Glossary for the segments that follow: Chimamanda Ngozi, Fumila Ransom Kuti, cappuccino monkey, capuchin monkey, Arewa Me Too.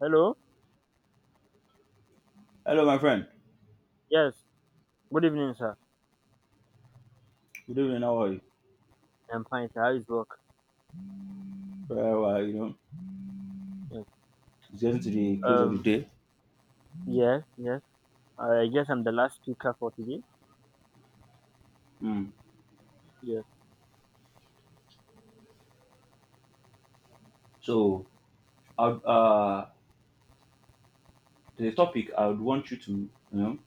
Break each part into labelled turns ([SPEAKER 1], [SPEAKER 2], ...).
[SPEAKER 1] Hello?
[SPEAKER 2] Hello, my friend.
[SPEAKER 1] Yes. Good evening, sir.
[SPEAKER 2] Good evening. How are you?
[SPEAKER 1] I'm fine, sir. How is work?
[SPEAKER 2] Very well. You know,
[SPEAKER 1] Yes.
[SPEAKER 2] it's getting to the close of the
[SPEAKER 1] Um,
[SPEAKER 2] day.
[SPEAKER 1] yes, yes. I guess I'm the last speaker for today.
[SPEAKER 2] Mm.
[SPEAKER 1] Yes.
[SPEAKER 2] So, I would, uh, the topic I would want you to, know,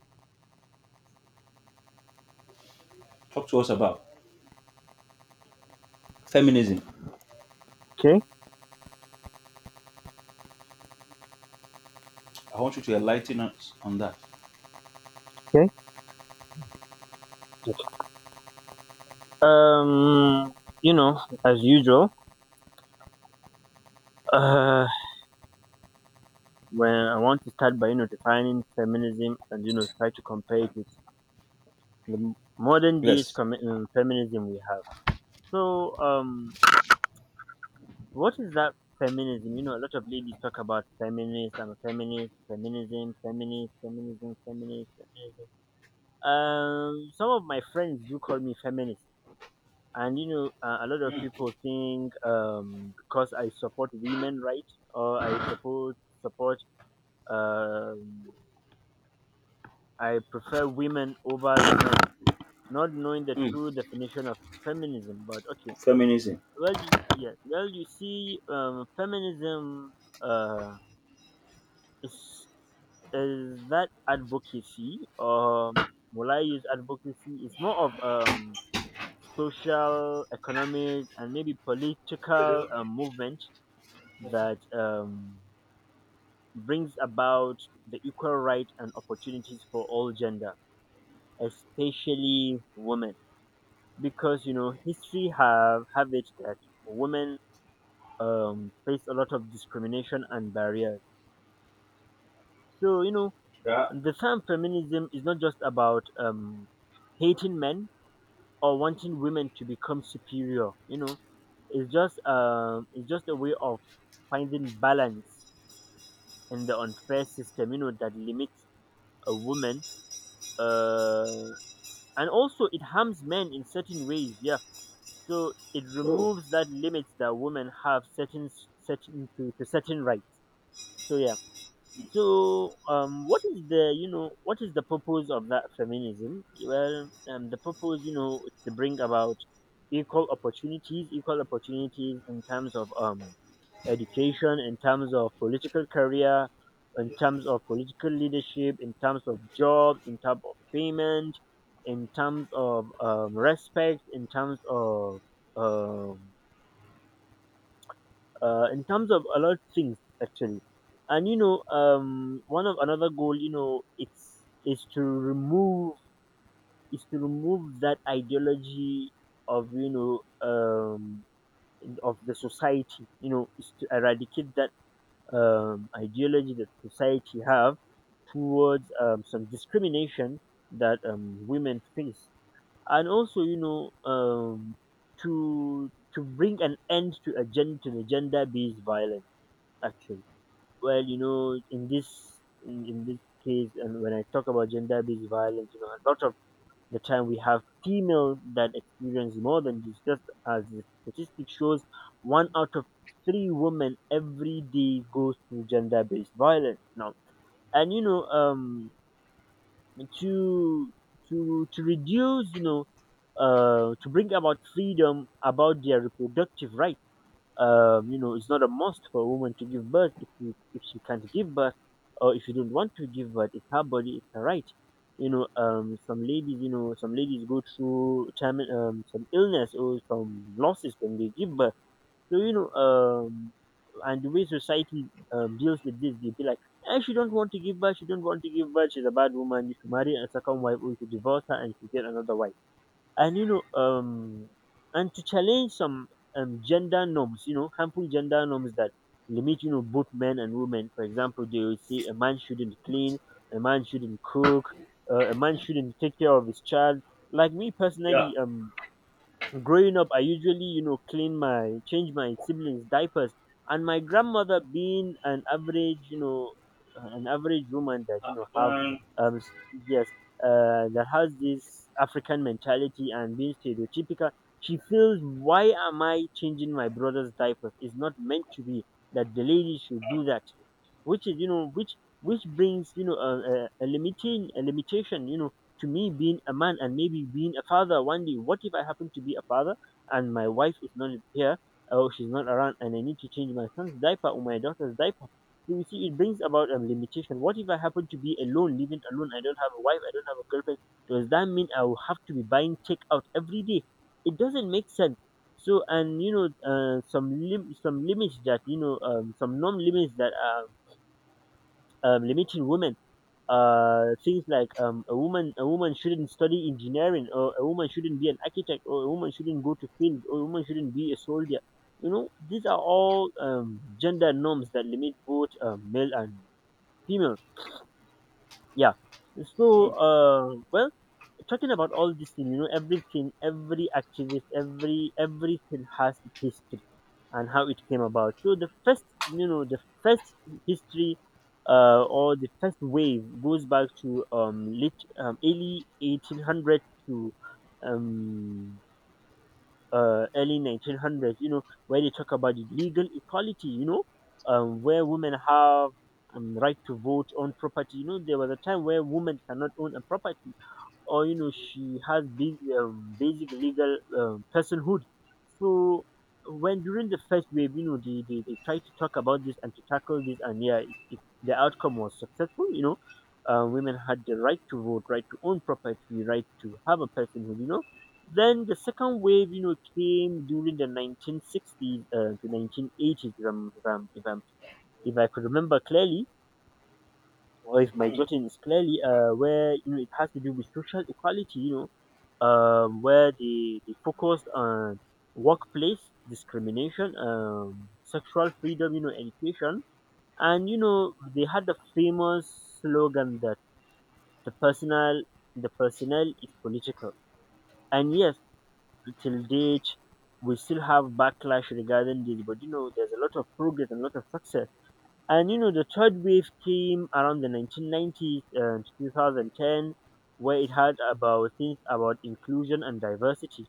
[SPEAKER 2] talk to us about feminism.
[SPEAKER 1] Okay,
[SPEAKER 2] I want you to enlighten us on that.
[SPEAKER 1] okay. Um, as usual, uh, when I want to start by, defining feminism and, try to compare it with the modern days
[SPEAKER 2] Yes.
[SPEAKER 1] feminism we have. So, what is that feminism? A lot of ladies talk about feminist, I'm a feminist, feminism, feminist, feminism, feminist, feminism. Some of my friends do call me feminist, and a lot of people
[SPEAKER 2] Mm.
[SPEAKER 1] think because I support women rights, or I support, um I prefer women over the men, not knowing the
[SPEAKER 2] Mm.
[SPEAKER 1] true definition of feminism. But okay.
[SPEAKER 2] Feminism.
[SPEAKER 1] Well you, yes, well you see, feminism, uh is, is that advocacy, or, will I use advocacy? It's more of social, economic, and maybe political, movement that, brings about the equal rights and opportunities for all gender, especially women. Because, history have it that women, face a lot of discrimination and barriers. So,
[SPEAKER 2] Yeah.
[SPEAKER 1] the term feminism is not just about, hating men or wanting women to become superior. It's just a way of finding balance in the unfair system. That limits a woman, uh, and also it harms men in certain ways. Yeah, so it
[SPEAKER 2] Oh.
[SPEAKER 1] removes that limits that women have certain to certain rights. So yeah. So, what is the what is the purpose of that feminism? Well, the purpose, is to bring about equal opportunities in terms of education, in terms of political career, in terms of political leadership, in terms of job, in terms of payment, in terms of, respect, in terms of, um, in terms of a lot of things, actually. And one of another goal, you know it's is to remove, is to remove that ideology of, the society, is to eradicate that ideology that society have towards, some discrimination that, women face. And also, to bring an end to to the gender based violence, actually. Well, in this case, and when I talk about gender-based violence, a lot of the time we have female that experience more than this. Just as the statistic shows, one out of three women every day goes through gender-based violence now. And, to to reduce, to bring about freedom about their reproductive rights. It's not a must for a woman to give birth, if if she can't give birth, or if you don't want to give birth. It's her body, it's her right. Some ladies go through some illness or some losses when they give birth. So, and the way society, deals with this, they be like, eh, she don't want to give birth, she don't want to give birth, she's a bad woman. You should marry a second wife, or you should divorce her and you should get another wife. And you know um and to challenge some gender norms, harmful gender norms that limit, both men and women. For example, they will say a man shouldn't clean, a man shouldn't cook, a man shouldn't take care of his child. Like me
[SPEAKER 2] Yeah.
[SPEAKER 1] personally, growing up, I usually, clean my change my siblings' diapers, and my grandmother, being an average woman that have,
[SPEAKER 2] African.
[SPEAKER 1] um, s- yes, that has this African mentality and being stereotypical, she feels, why am I changing my brother's diapers? It's not meant to be that the lady should do that, which is, which brings, a limitation, to me being a man, and maybe being a father one day. What if I happen to be a father, and my wife is not here, or she's not around, and I need to change my son's diaper or my daughter's diaper? So you see, it brings about a limitation. What if I happen to be alone, living alone, I don't have a wife, I don't have a girlfriend? Does that mean I will have to be buying takeout every day? It doesn't make sense. So, and some limits that, some norm limits that are, limiting women. Things like, a woman shouldn't study engineering, or a woman shouldn't be an architect, or a woman shouldn't go to field, or a woman shouldn't be a soldier. These are all, gender norms that limit both, male and female. Yeah. So,
[SPEAKER 2] Mm.
[SPEAKER 1] well, talking about all this thing, everything, every activist, everything has its history and how it came about. So the first, you know, the first history or the first wave goes back to, late, early 1800 to, um, early 1900s. Where they talk about the legal equality. Where women have, right to vote, own property. There was a time where women cannot own a property, or she has big, basic legal, personhood. So when, during the first wave, they tried to talk about this and to tackle this. And yeah, the outcome was successful, you know. Women had the right to vote, right to own property, right to have a personhood. Then the second wave, came during the 1960s, to 1980s, if I could remember clearly, or if my judging is clearly. Where, it has to do with social equality. Where, they focused on workplace discrimination, sexual freedom, education, and they had the famous slogan that the personal the personnel is political. And yes, till date we still have backlash regarding this, but there's a lot of progress and a lot of success. And, the third wave came around the 1990s and 2010, where it had about things about inclusion and diversity,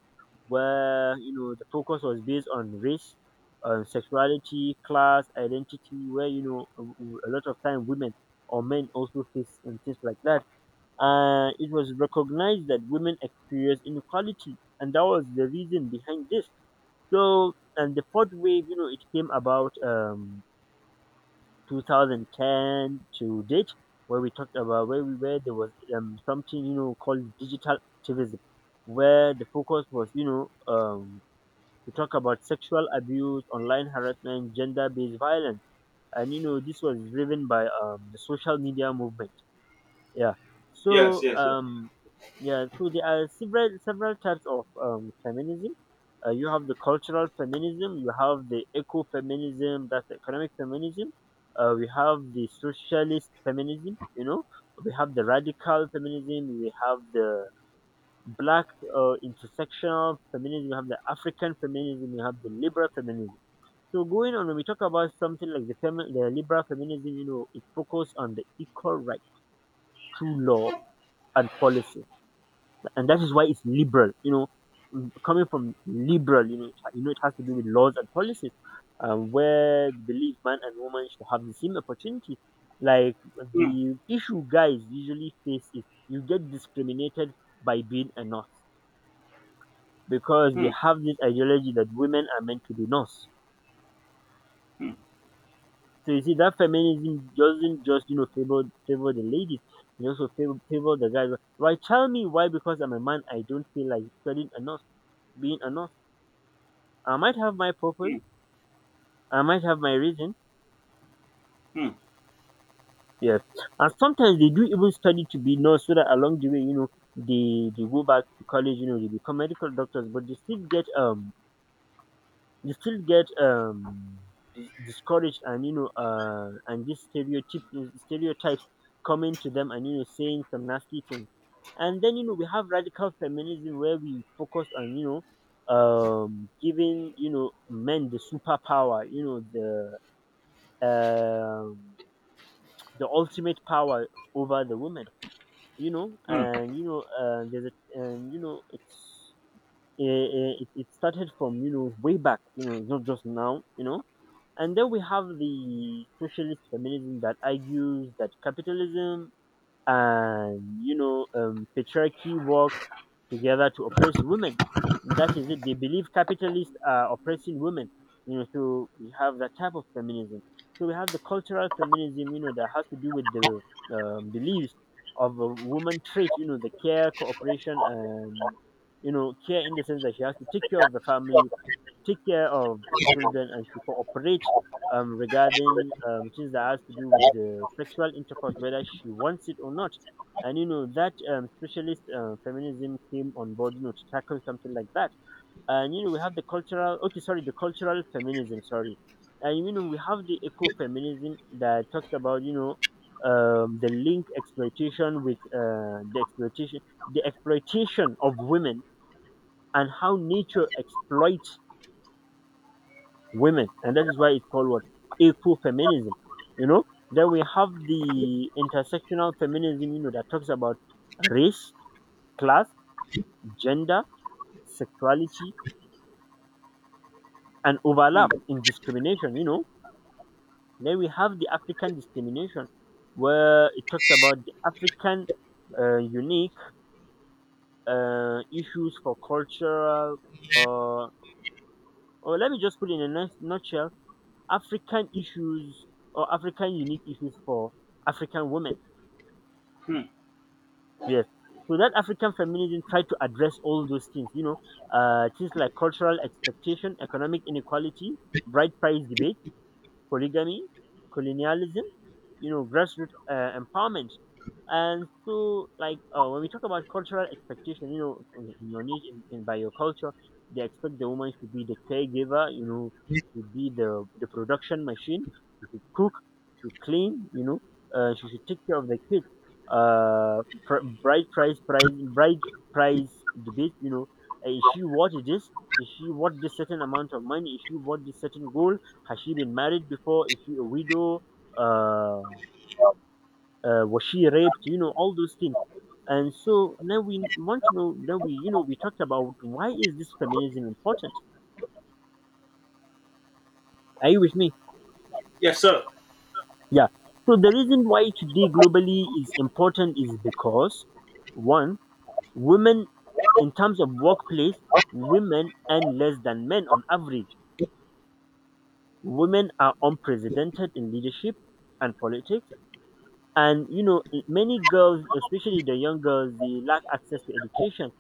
[SPEAKER 1] where the focus was based on race, on sexuality, class, identity, where a lot of time women or men also face, and things like that. And it was recognized that women experience inequality, and that was the reason behind this. So, and the fourth wave, it came about. 2010 to date, where we talked about, where there was, something, called digital activism, where the focus was, to talk about sexual abuse, online harassment, gender-based violence. And this was driven by, the social media movement. Yeah.
[SPEAKER 2] Yes.
[SPEAKER 1] So,
[SPEAKER 2] Yes. Yes.
[SPEAKER 1] yeah, so there are several types of feminism. You have the cultural feminism, you have the eco-feminism, that's economic feminism. We have the socialist feminism. We have the radical feminism, we have the black, intersectional feminism, we have the African feminism, we have the liberal feminism. So going on, when we talk about something like the liberal feminism, it focuses on the equal right to law and policy, and that is why it's liberal. Mm, coming from liberal, it, ha- you know, it has to do with laws and policies, where the belief man and woman should have the same opportunity. Like,
[SPEAKER 2] Mm.
[SPEAKER 1] the issue guys usually face is you get discriminated by being a nurse, because we
[SPEAKER 2] Mm.
[SPEAKER 1] have this ideology that women are meant to be nurse.
[SPEAKER 2] Mm.
[SPEAKER 1] So you see that feminism doesn't just favor the ladies, it also favor the guys. Why, tell me why. Because I'm a man, I don't feel like studying a nurse being a nurse. I might have my purpose,
[SPEAKER 2] Mm.
[SPEAKER 1] I might have my reason.
[SPEAKER 2] Mm.
[SPEAKER 1] Yes. And sometimes they do even study to be nurse, so that along the way, they go back to college, they become medical doctors, but they still get discouraged. And these stereotypes coming to them and, saying some nasty things. And then we have radical feminism where we focus on, giving, men the superpower, um, the ultimate power over the woman. And and you know it's it started from way back not just now. And then we have the socialist feminism that argues that capitalism and patriarchy work together to oppress women. That is it. They believe capitalists are oppressing women. So we have that type of feminism. So we have the cultural feminism. That has to do with the beliefs of a woman trait. The care, cooperation, and care in the sense that she has to take care of the family, take care of children, and she cooperate regarding things that has to do with the sexual intercourse, whether she wants it or not. And that specialist feminism came on board, to tackle something like that. And we have okay, sorry, the cultural feminism, sorry. And we have the eco-feminism that talks about the link exploitation with the exploitation of women, and how nature exploits women, and that is why it's called what ecofeminism. You know, then we have the intersectional feminism. That talks about race, class, gender, sexuality, and overlap
[SPEAKER 2] Mm.
[SPEAKER 1] in discrimination. Then we have the African discrimination, where it talks about the African unique issues for cultural. Uh, or let me just put it in a nice nutshell: African issues or African unique issues for African women.
[SPEAKER 2] Mm.
[SPEAKER 1] Yes. So that African feminism tried to address all those things, you know, things like cultural expectation, economic inequality, bride price debate, polygamy, colonialism, grassroots empowerment. And so, like, when we talk about cultural expectation, in your niche, by your culture, they expect the woman to be the caregiver, you know, to be the production machine, she should cook, she should clean, she should take care of the kids. Bride price debate, is she worth this? Is she worth this certain amount of money? Is she worth this certain goal? Has she been married before? Is she a widow? Uh, was she raped? You know all those things. And so now we want to know. Now we you know we talked about why is this feminism important? Are you with me?
[SPEAKER 2] Yes, sir.
[SPEAKER 1] Yeah. So the reason why today globally is important is because one, women in terms of workplace, women earn less than men on average. Women are unprecedented in leadership and politics. And many girls, especially the young girls, they lack access to education.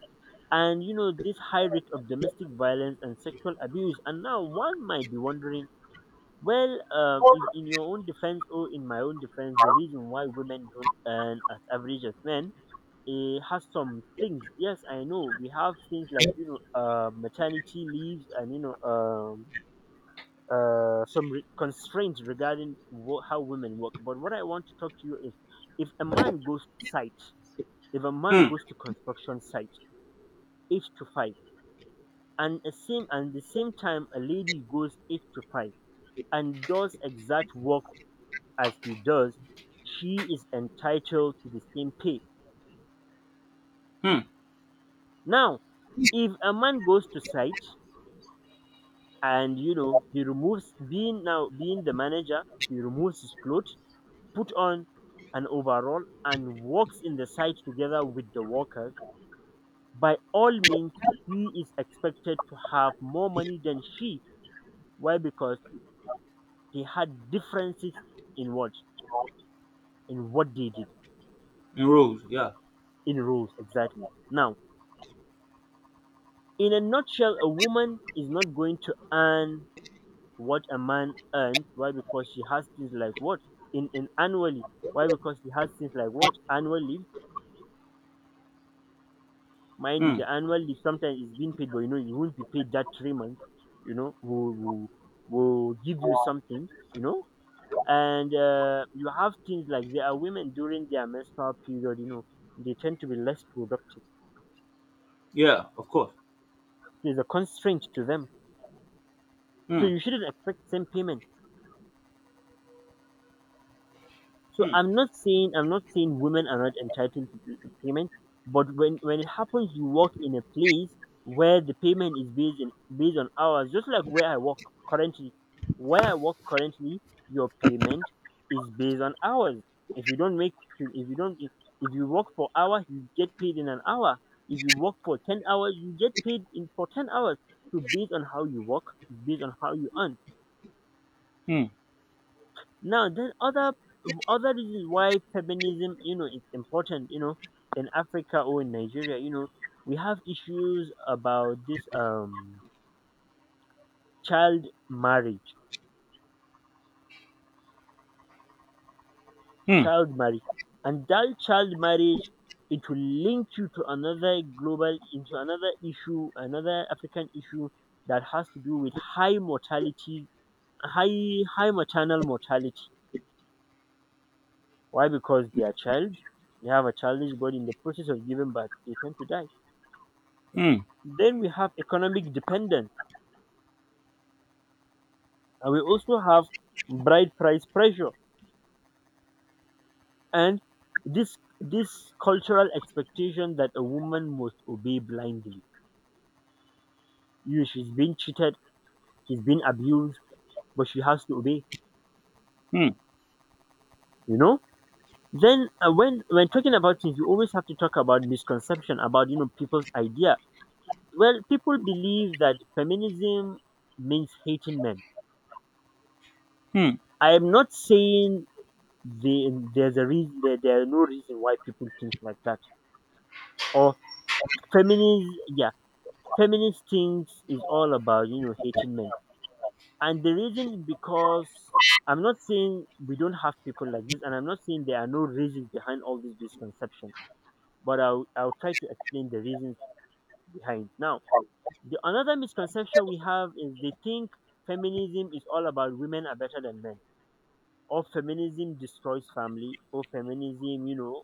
[SPEAKER 1] And this high rate of domestic violence and sexual abuse. And now one might be wondering, well, in your own defense, or in my own defense, the reason why women don't earn as average as men, it has some things. Yes, I know, we have things like maternity leaves, and some constraints regarding how women work. But what I want to talk to you is, if a man goes to site, if a man
[SPEAKER 2] Mm.
[SPEAKER 1] goes to construction site, 8 to 5, and a same and the same time a lady goes 8 to 5 and does exact work as he does, she is entitled to the same pay.
[SPEAKER 2] Mm.
[SPEAKER 1] Now, if a man goes to site, and he removes, being now being the manager, he removes his clothes, put on an overall and works in the site together with the workers, by all means, he is expected to have more money than she. Why? Because they had differences in what in what they did,
[SPEAKER 2] In rows. Yeah.
[SPEAKER 1] in rules exactly. Now, in a nutshell, a woman is not going to earn what a man earns. Why? Because she has things like what, in annually. Why? Because she has things like what annually. Mind you,
[SPEAKER 2] Mm.
[SPEAKER 1] the annual leave sometimes is being paid, but you won't be paid that 3 months. You know, we'll, we'll, we'll give you something. And you have things like there are women during their menstrual period. They tend to be less productive.
[SPEAKER 2] Yeah. Of course.
[SPEAKER 1] There's a constraint to them, so
[SPEAKER 2] Mm.
[SPEAKER 1] you shouldn't expect same payment. So
[SPEAKER 2] Mm.
[SPEAKER 1] I'm not saying women are not entitled to payment, but when it happens, you work in a place where the payment is based on hours, just like where I work currently. Where I work currently, your payment is based on hours. If you don't make to- if you don't if if you work for hour, you get paid in an hour. If you work for 10 hours, you get paid in for 10 hours. So based on how you work, based on how you earn.
[SPEAKER 2] Mm.
[SPEAKER 1] Now, then other reasons why feminism, it's important, in Africa or in Nigeria, we have issues about this child marriage,
[SPEAKER 2] Mm.
[SPEAKER 1] child marriage, and that child marriage, it will link you to another global, into another issue, another African issue that has to do with high mortality, high maternal mortality. Why? Because they are child, they have a childish body. In the process of giving birth, they tend to die.
[SPEAKER 2] Hmm.
[SPEAKER 1] Then we have economic dependence, and we also have bride price pressure, and this cultural expectation that a woman must obey blindly. She's been cheated, she's been abused, but she has to obey.
[SPEAKER 2] Hmm.
[SPEAKER 1] You know. Then when talking about things, you always have to talk about misconception about people's idea. Well, people believe that feminism means hating men.
[SPEAKER 2] Hmm.
[SPEAKER 1] I am not saying there are no reason why people think like that, or feminist, yeah, feminist things is all about hating men, and the reason, because I'm not saying we don't have people like this, and I'm not saying there are no reasons behind all this misconception, but I'll try to explain the reasons behind. Now, the another misconception we have is they think feminism is all about women are better than men, or feminism destroys family, or feminism you know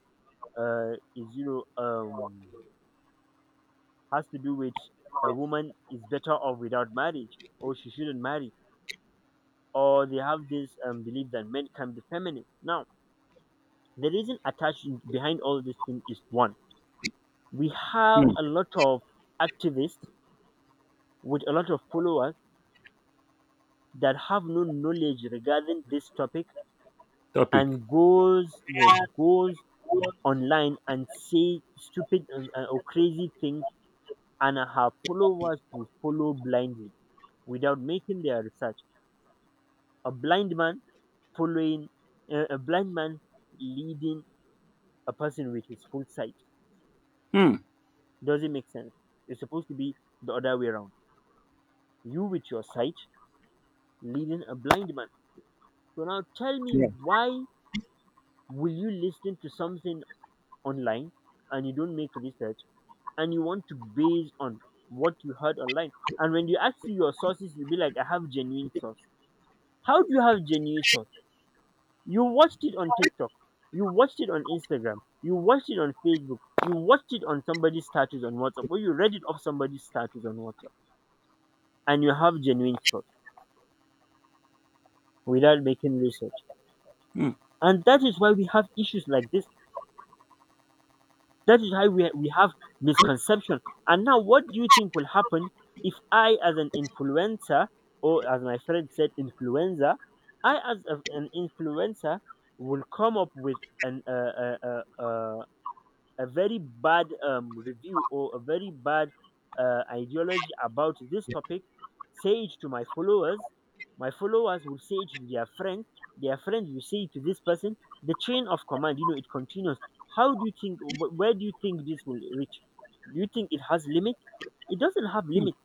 [SPEAKER 1] uh is has to do with a woman is better off without marriage, or she shouldn't marry, or they have this belief that men can be feminine. Now, the reason attached behind all this thing is one, we have
[SPEAKER 2] Hmm.
[SPEAKER 1] a lot of activists with a lot of followers that have no knowledge regarding this topic,
[SPEAKER 2] Topic.
[SPEAKER 1] and goes, yes, goes online and say stupid or crazy things, and her followers will follow blindly without making their research. A blind man following a blind man, leading a person with his full sight,
[SPEAKER 2] Hmm.
[SPEAKER 1] doesn't make sense. It's supposed to be the other way around. You with your sight leading a blind man. So now tell me,
[SPEAKER 2] Yeah.
[SPEAKER 1] why will you listen to something online, and you don't make research, and you want to base on what you heard online? And when you ask you your sources, you'll be like, I have genuine source. How do you have genuine source? You watched it on TikTok. You watched it on Instagram. You watched it on Facebook. You watched it on somebody's status on WhatsApp, or you read it off somebody's status on WhatsApp, and you have genuine thought without making research.
[SPEAKER 2] Hmm.
[SPEAKER 1] And that is why we have issues like this. That is why we have misconception. And now, what do you think will happen if I, as an influencer, or as my friend said, influencer, I, as an influencer, will come up with an a very bad review, or a very bad ideology about this topic, say it to my followers. My followers will say it to their friend. Their friend will say it to this person. The chain of command, it continues. How do you think? Where do you think this will reach? Do you think it has limit? It doesn't have limit,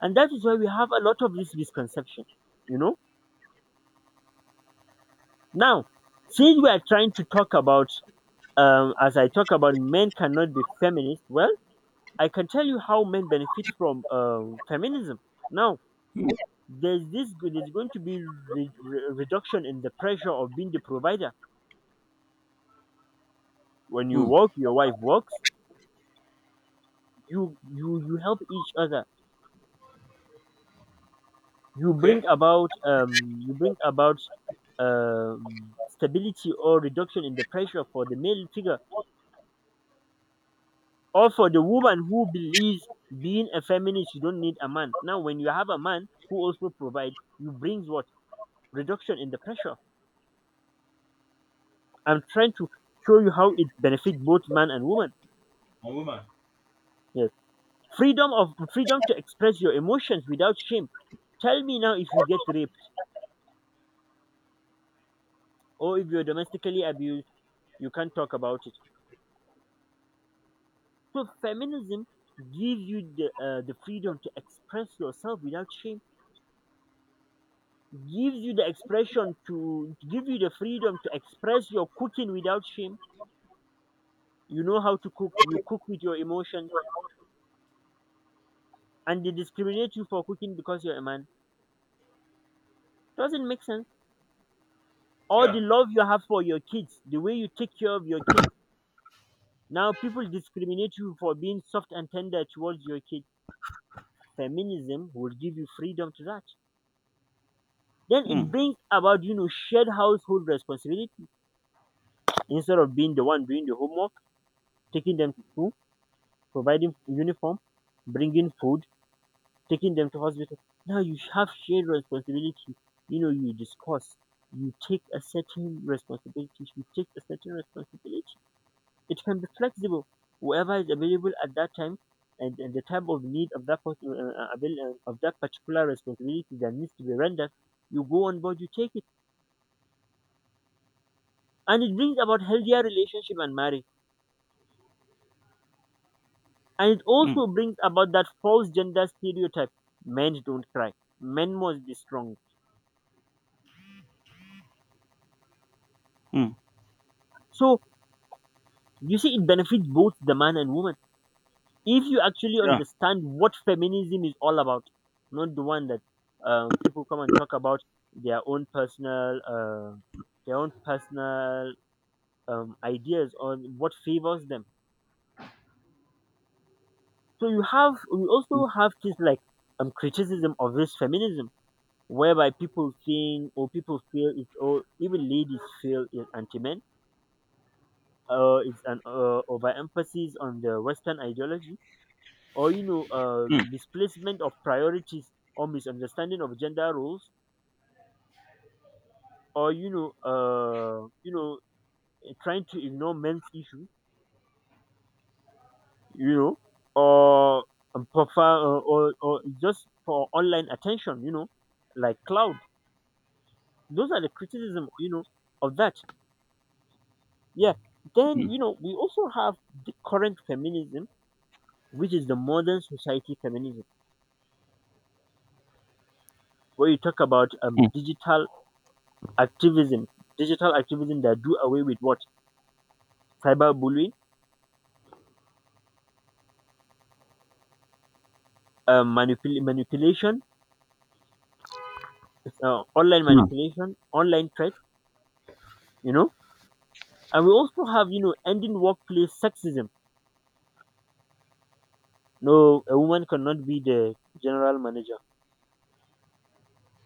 [SPEAKER 1] and that is why we have a lot of this misconception. You know. Now, since we are trying to talk about, as I talk about, men cannot be feminist. Well, I can tell you how men benefit from feminism. Now,
[SPEAKER 2] Hmm.
[SPEAKER 1] there's there's going to be reduction in the pressure of being the provider. When you
[SPEAKER 2] Hmm.
[SPEAKER 1] work, your wife works. You help each other. You bring
[SPEAKER 2] Okay,
[SPEAKER 1] about um you bring about stability, or reduction in the pressure for the male figure, or for the woman who believes being a feminist you don't need a man. Now, when you have a man who also provides, you brings what, reduction in the pressure. I'm trying to show you how it benefits both man and woman.
[SPEAKER 2] on woman.
[SPEAKER 1] Yes. Freedom to express your emotions without shame. Tell me now, if you get raped or if you're domestically abused, you can't talk about it. So feminism gives you the freedom to express yourself without shame. Gives you the expression to give you the freedom to express your cooking without shame. You know how to cook. You cook with your emotions, and they discriminate you for cooking because you're a man. Doesn't make sense. All the
[SPEAKER 2] Yeah,
[SPEAKER 1] love you have for your kids, the way you take care of your kids. Now people discriminate you for being soft and tender towards your kids. Feminism will give you freedom to that. Then it
[SPEAKER 2] hmm.
[SPEAKER 1] brings about, you know, shared household responsibility instead of being the one doing the homework, taking them to school, providing uniform, bringing food, taking them to hospital. Now you have shared responsibility. You know, you discuss, you take a certain responsibility, you take a certain responsibility. It can be flexible. Whoever is available at that time, and the type of need of of that particular responsibility that needs to be rendered. You go on board, you take it, and it brings about healthier relationship and marriage. And it
[SPEAKER 2] Hmm.
[SPEAKER 1] also brings about that false gender stereotype: men don't cry, men must be strong.
[SPEAKER 2] Hmm.
[SPEAKER 1] So you see, it benefits both the man and woman if you actually
[SPEAKER 2] Yeah.
[SPEAKER 1] understand what feminism is all about, not the one that people come and talk about their own personal uh, their own personal ideas on what favors them. So you have We also have this like criticism of this feminism, whereby people think, or people feel it's, or even ladies feel it's anti men. It's an overemphasis on the Western ideology, or,
[SPEAKER 2] Hmm.
[SPEAKER 1] misplacement of priorities, or misunderstanding of gender roles, or, trying to ignore men's issues, you know or just for online attention, like cloud. Those are the criticism, of that. Yeah. Then,
[SPEAKER 2] Hmm.
[SPEAKER 1] we also have the current feminism, which is the modern society feminism, where you talk about
[SPEAKER 2] Hmm.
[SPEAKER 1] digital activism, that do away with what? Cyberbullying, manipulation, online
[SPEAKER 2] Hmm.
[SPEAKER 1] manipulation, online threat, you know. And we also have, you know, ending workplace sexism. No, a woman cannot be the general manager.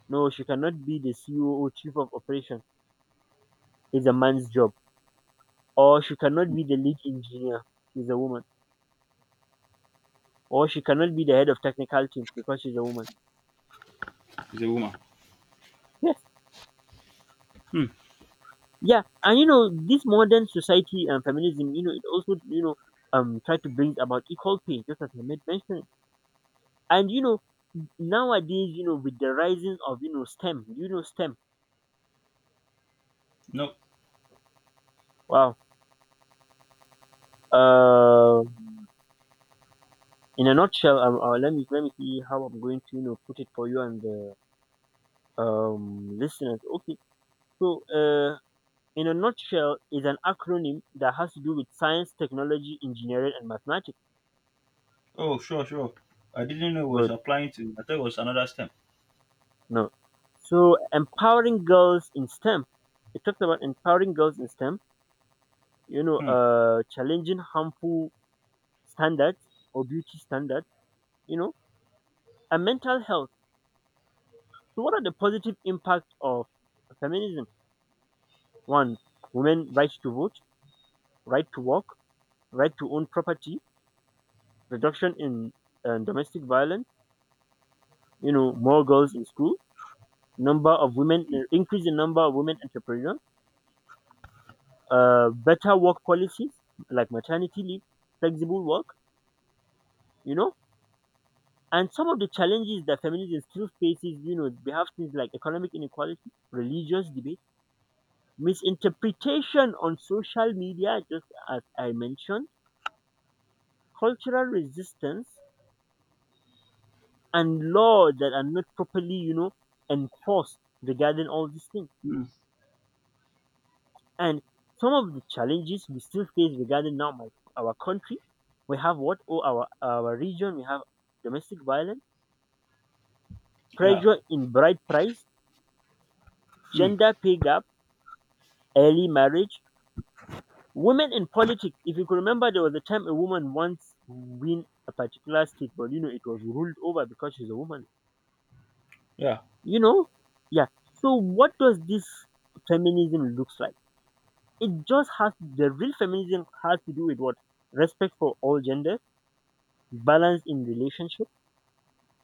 [SPEAKER 1] No, she cannot be the CEO, chief of operation. It's a man's job. Or she cannot be the lead engineer. She's a woman. Or she cannot be the head of technical team because she's a woman.
[SPEAKER 2] She's a woman.
[SPEAKER 1] Yes.
[SPEAKER 2] Hmm.
[SPEAKER 1] Yeah. And you know, this modern society and feminism, you know, it also, you know, try to bring about equal pay, just as I made mention. And you know, nowadays, you know, with the rising of, you know, STEM, you know, STEM.
[SPEAKER 2] No.
[SPEAKER 1] Wow. Uh, in a nutshell, let me see how I'm going to, you know, put it for you and the listeners. Okay. So, in a nutshell, is an acronym that has to do with science, technology, engineering, and mathematics.
[SPEAKER 2] Oh, sure, sure. I didn't know it was
[SPEAKER 1] Good.
[SPEAKER 2] applying to. I thought it was another stem.
[SPEAKER 1] No. So, empowering girls in STEM. It talks about empowering girls in STEM. You know,
[SPEAKER 2] Hmm.
[SPEAKER 1] challenging harmful standards or beauty standards. You know, and mental health. So what are the positive impacts of feminism? One, women right to vote, right to work, right to own property, reduction in domestic violence, you know, more girls in school, increase in number of women entrepreneurs, better work policies like maternity leave, flexible work, you know, and some of the challenges that feminism still faces, you know, we have things like economic inequality, religious debate, misinterpretation on social media, just as I mentioned, cultural resistance, and law that are not properly, you know, enforced regarding all these things.
[SPEAKER 2] Hmm.
[SPEAKER 1] And some of the challenges we still face regarding now my, our country, we have what? Oh, our region, we have domestic violence,
[SPEAKER 2] Yeah.
[SPEAKER 1] pressure in bride price,
[SPEAKER 2] Hmm.
[SPEAKER 1] gender pay gap, early marriage, women in politics. If you could remember, there was a time a woman once win a particular state, but you know it was ruled over because she's a woman.
[SPEAKER 2] Yeah.
[SPEAKER 1] You know, yeah. So what does this feminism looks like? It just has the real feminism has to do with what? Respect for all genders, balance in relationship,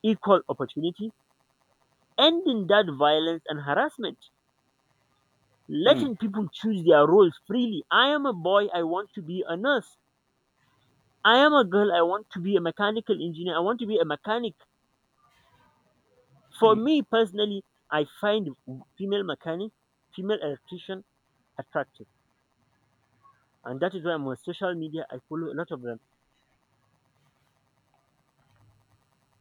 [SPEAKER 1] equal opportunity, ending that violence and harassment,
[SPEAKER 2] Hmm.
[SPEAKER 1] letting people choose their roles freely. I am a boy. I want to be a nurse. I am a girl. I want to be a mechanical engineer. I want to be a mechanic. For
[SPEAKER 2] Hmm.
[SPEAKER 1] me personally, I find female mechanic, female electrician attractive, and that is why I'm on social media. I follow a lot of them.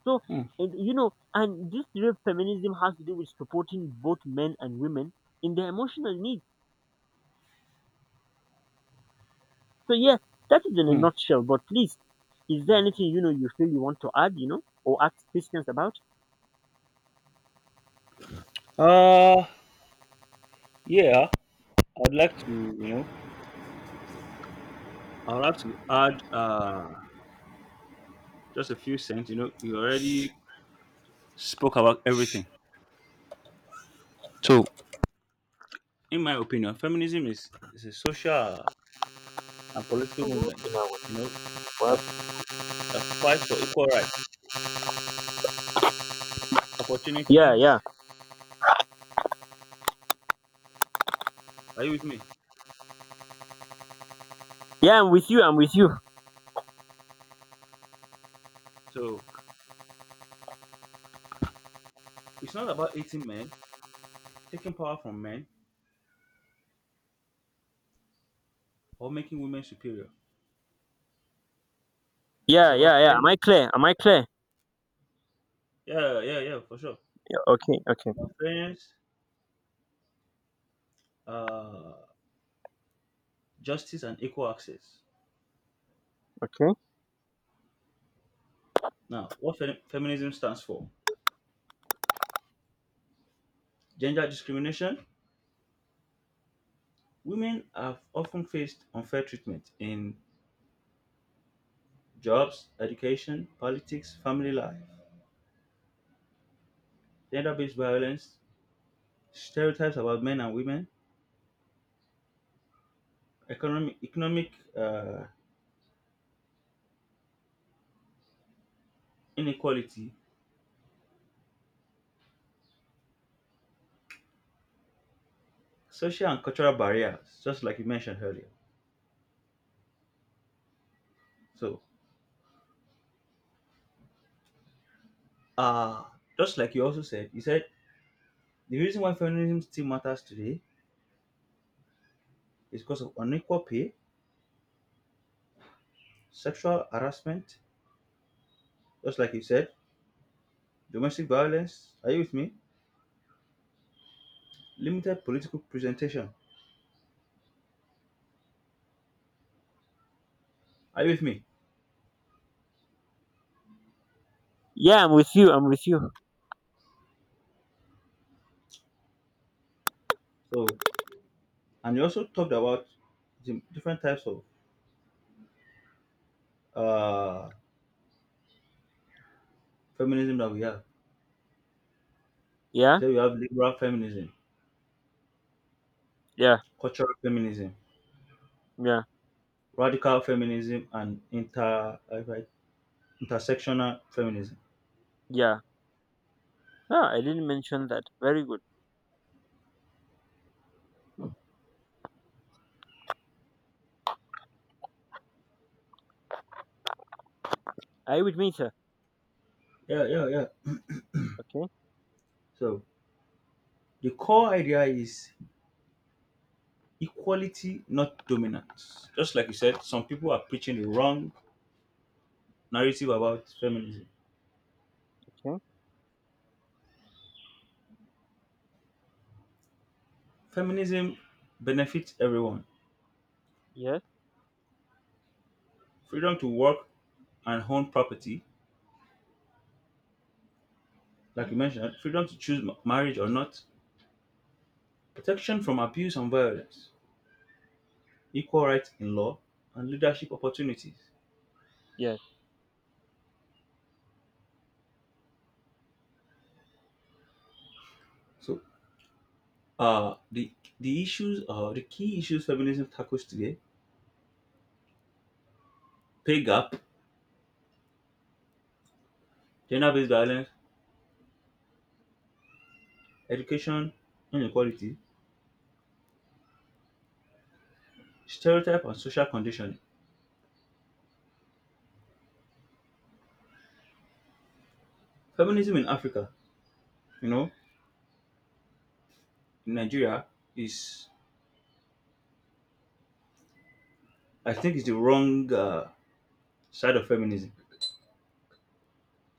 [SPEAKER 1] So,
[SPEAKER 2] Hmm.
[SPEAKER 1] and, you know, and this real feminism has to do with supporting both men and women in their emotional needs. So, yeah, that is in a
[SPEAKER 2] Hmm.
[SPEAKER 1] nutshell. But please, is there anything, you know, you feel you want to add, you know, or ask questions about?
[SPEAKER 2] Uh. Yeah. I'd like to. You know. I'd like to add. Just a few cents. You know. You already spoke about everything. So, in my opinion, feminism is a social and political
[SPEAKER 1] Oh, well,
[SPEAKER 2] movement, you know,
[SPEAKER 1] well.
[SPEAKER 2] that, that fights for equal rights,
[SPEAKER 1] Yeah, yeah,
[SPEAKER 2] opportunities. Are you with me?
[SPEAKER 1] yeah, I'm with you. I'm with you.
[SPEAKER 2] So, it's not about hating men, taking power from men, or making women superior. It's
[SPEAKER 1] Yeah,
[SPEAKER 2] about
[SPEAKER 1] yeah, yeah. Am I
[SPEAKER 2] fairness.
[SPEAKER 1] clear? Am I clear?
[SPEAKER 2] Yeah, yeah, yeah, for sure.
[SPEAKER 1] Okay, okay,
[SPEAKER 2] It's about fairness, uh, justice, and equal access.
[SPEAKER 1] okay.
[SPEAKER 2] Now, what feminism stands for? Gender discrimination. Women have often faced unfair treatment in jobs, education, politics, family life, gender based violence, stereotypes about men and women, economic uh, inequality, social and cultural barriers, just like you mentioned earlier. So, uh, just like you also said, you said the reason why feminism still matters today is because of unequal pay, sexual harassment, just like you said, domestic violence. Are you with me? Limited political presentation. Are you with me?
[SPEAKER 1] Yeah, I'm with you. I'm with you.
[SPEAKER 2] So, and you also talked about the different types of uh, feminism that we have.
[SPEAKER 1] Yeah,
[SPEAKER 2] So you have liberal feminism,
[SPEAKER 1] yeah,
[SPEAKER 2] cultural feminism,
[SPEAKER 1] yeah,
[SPEAKER 2] radical feminism, and intersectional feminism.
[SPEAKER 1] yeah. No, I didn't mention that. Very good. I with me, sir.
[SPEAKER 2] Yeah, yeah, yeah.
[SPEAKER 1] Okay,
[SPEAKER 2] So the core idea is equality, not dominance. Just like you said, some people are preaching the wrong narrative about feminism.
[SPEAKER 1] okay.
[SPEAKER 2] Feminism benefits everyone.
[SPEAKER 1] Yes,
[SPEAKER 2] Freedom to work and own property, like you mentioned, freedom to choose marriage or not, protection from abuse and violence, equal rights in law, and leadership opportunities.
[SPEAKER 1] yes,
[SPEAKER 2] So, uh, the the issues, the key issues feminism tackles today: pay gap, gender-based violence, education inequality, stereotype, and social conditioning. Feminism in Africa, you know, in Nigeria, is, I think, is the wrong, side of feminism.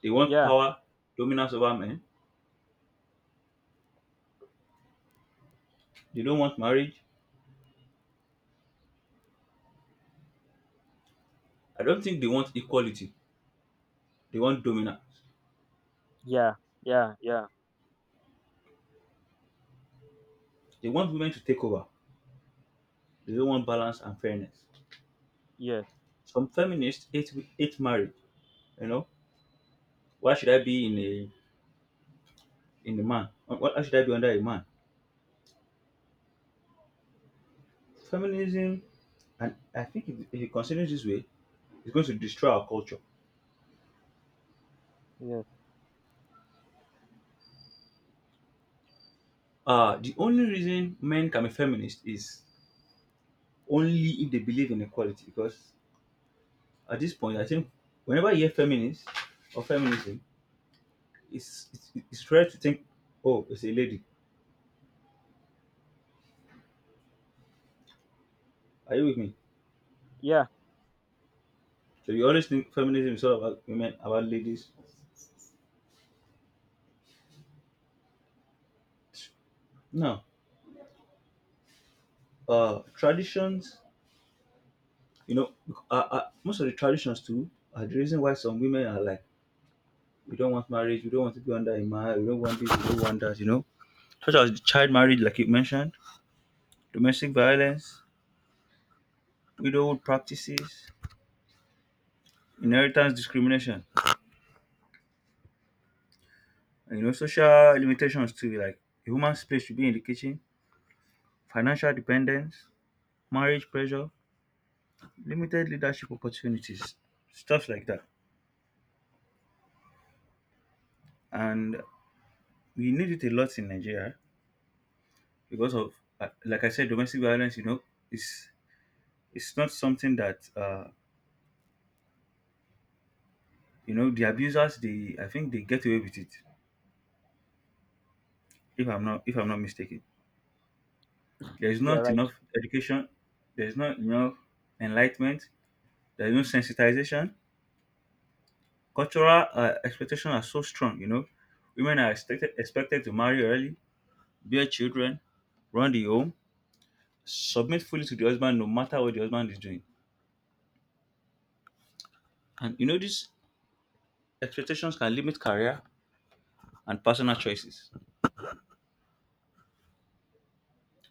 [SPEAKER 2] They want
[SPEAKER 1] yeah,
[SPEAKER 2] power, dominance over men. They don't want marriage. I don't think they want equality. They want dominance.
[SPEAKER 1] yeah, yeah, yeah,
[SPEAKER 2] They want women to take over. They don't want balance and fairness.
[SPEAKER 1] yes,
[SPEAKER 2] Some feminists hate marriage. You know, why should I be in a, in a man? Why should I be under a man? Feminism, and I think if you consider it continues this way, it's going to destroy our culture.
[SPEAKER 1] yes,
[SPEAKER 2] Uh, the only reason men can be feminist is only if they believe in equality. Because at this point, I think whenever you hear feminist or feminism, it's rare to think, oh, it's a lady. Are you with me?
[SPEAKER 1] yeah,
[SPEAKER 2] So you always think feminism is all about women, about ladies. No, traditions. You know, most of the traditions too are the reason why some women are like, we don't want marriage, we don't want to be under a man, we don't want this, we don't want that. You know, such as child marriage, like you mentioned, domestic violence, widowhood practices, inheritance discrimination, and, you know, social limitations too, like a woman's place should be in the kitchen, financial dependence, marriage pressure, limited leadership opportunities, stuff like that. And we need it a lot in Nigeria because of, like I said, domestic violence. You know, is it's not something that, you know, the abusers, they, I think, they get away with it. If I'm not mistaken, there is
[SPEAKER 1] yeah,
[SPEAKER 2] not
[SPEAKER 1] right.
[SPEAKER 2] enough education. There is not enough enlightenment. There is no sensitization. Cultural, expectations are so strong. You know, women are expected to marry early, bear children, run the home, submit fully to the husband no matter what the husband is doing. And you know, these expectations can limit career and personal choices.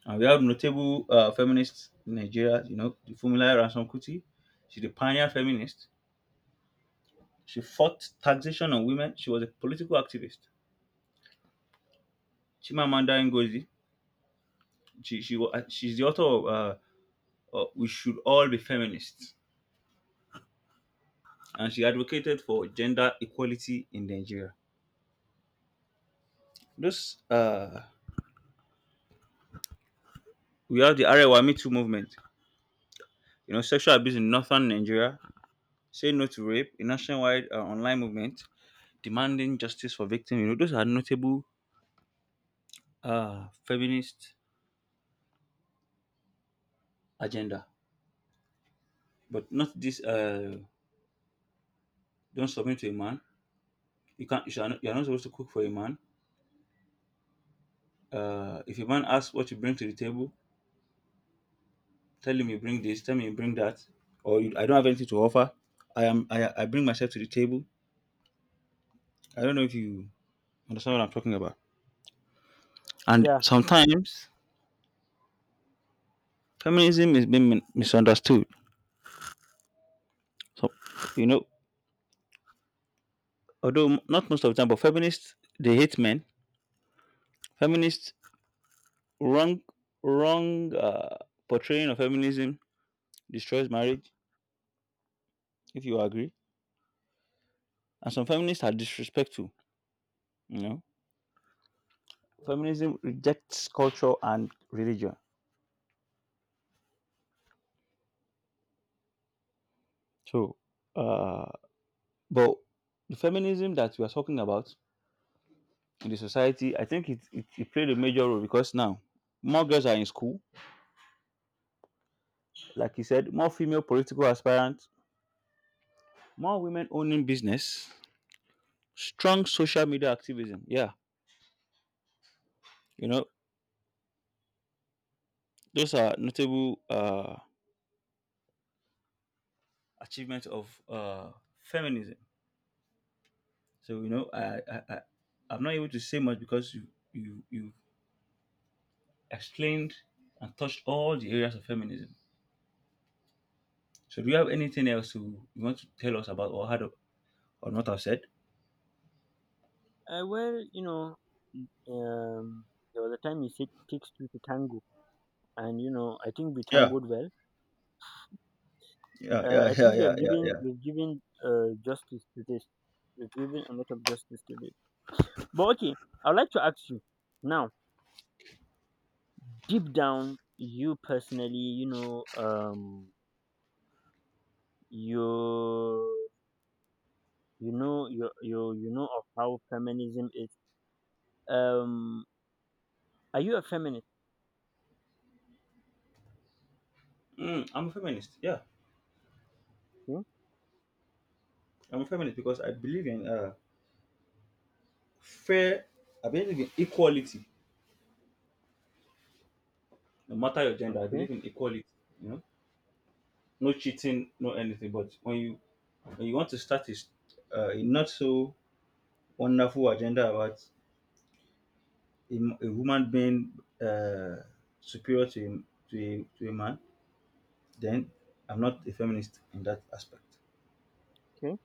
[SPEAKER 2] And we have notable, feminists in Nigeria, you know, the Fumila Ransom Kuti. She's a pioneer feminist. She fought taxation on women. She was a political activist. Chimamanda Ngozi, she's the author of "We Should All Be Feminists." And she advocated for gender equality in Nigeria. This, we have the Arewa Me Too movement, you know, sexual abuse in northern Nigeria. Say No to Rape, a nationwide, online movement demanding justice for victims. You know, those are notable, feminist agenda. But not this. Don't submit to a man. You can't. You shall not, you are not supposed to cook for a man. If a man asks what you bring to the table, tell him you bring this. Tell me you bring that. Or you, I don't have anything to offer. I am. I bring myself to the table. I don't know if you understand what I'm talking about. And
[SPEAKER 1] Yeah.
[SPEAKER 2] sometimes feminism is being misunderstood. So you know, although not most of the time, but feminists, they hate men. Feminists wrong, wrong, portraying of feminism destroys marriage. If you agree, and some feminists are disrespectful. You know, feminism rejects culture and religion. So, uh, but the feminism that we are talking about in the society, I think it played a major role because now more girls are in school, like you said, more female political aspirants, more women owning business, strong social media activism. Yeah, you know, those are notable, achievement of, feminism. So you know, I'm not able to say much because you explained and touched all the areas of feminism. So do you have anything else to you want to tell us about or had or not have said?
[SPEAKER 1] Well, you know, um, there was a time you said takes two to tango, and you know, I think we
[SPEAKER 2] Yeah,
[SPEAKER 1] tangoed well.
[SPEAKER 2] yeah, yeah,
[SPEAKER 1] I
[SPEAKER 2] yeah,
[SPEAKER 1] think we
[SPEAKER 2] yeah,
[SPEAKER 1] have
[SPEAKER 2] yeah,
[SPEAKER 1] given
[SPEAKER 2] yeah.
[SPEAKER 1] we've given justice to this. We've given a lot of justice to this. But okay, I'd like to ask you now. Deep down, you personally, you know um you you know you you you know of how feminism is, um are you a feminist?
[SPEAKER 2] Mm, I'm a feminist. Yeah,
[SPEAKER 1] Okay,
[SPEAKER 2] I'm a feminist because I believe in, fair. I believe in equality, no matter your gender. I
[SPEAKER 1] okay,
[SPEAKER 2] believe in equality. You know, no cheating, no anything. But when you, when you want to start a not so wonderful agenda about a woman being, uh, superior to to a man, then I'm not a feminist in that aspect.
[SPEAKER 1] okay.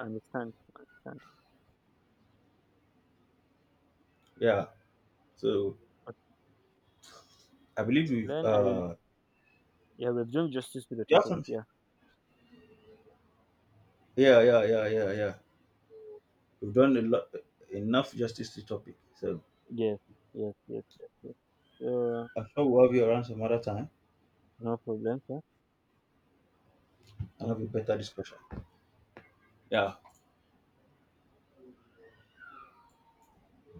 [SPEAKER 1] I understand. I understand.
[SPEAKER 2] Yeah. So
[SPEAKER 1] Okay.
[SPEAKER 2] I believe we've
[SPEAKER 1] then I Yeah, we've done justice to the
[SPEAKER 2] yeah
[SPEAKER 1] topic.
[SPEAKER 2] something.
[SPEAKER 1] Yeah.
[SPEAKER 2] Yeah, yeah, yeah, yeah, yeah. We've done a lot enough justice to the topic. So
[SPEAKER 1] Yes, yes, yes, yes, yes. uh
[SPEAKER 2] I'm sure we'll have you around some other time
[SPEAKER 1] no problem, sir.
[SPEAKER 2] and
[SPEAKER 1] Thank
[SPEAKER 2] have a
[SPEAKER 1] you, sir.
[SPEAKER 2] better discussion. Yeah.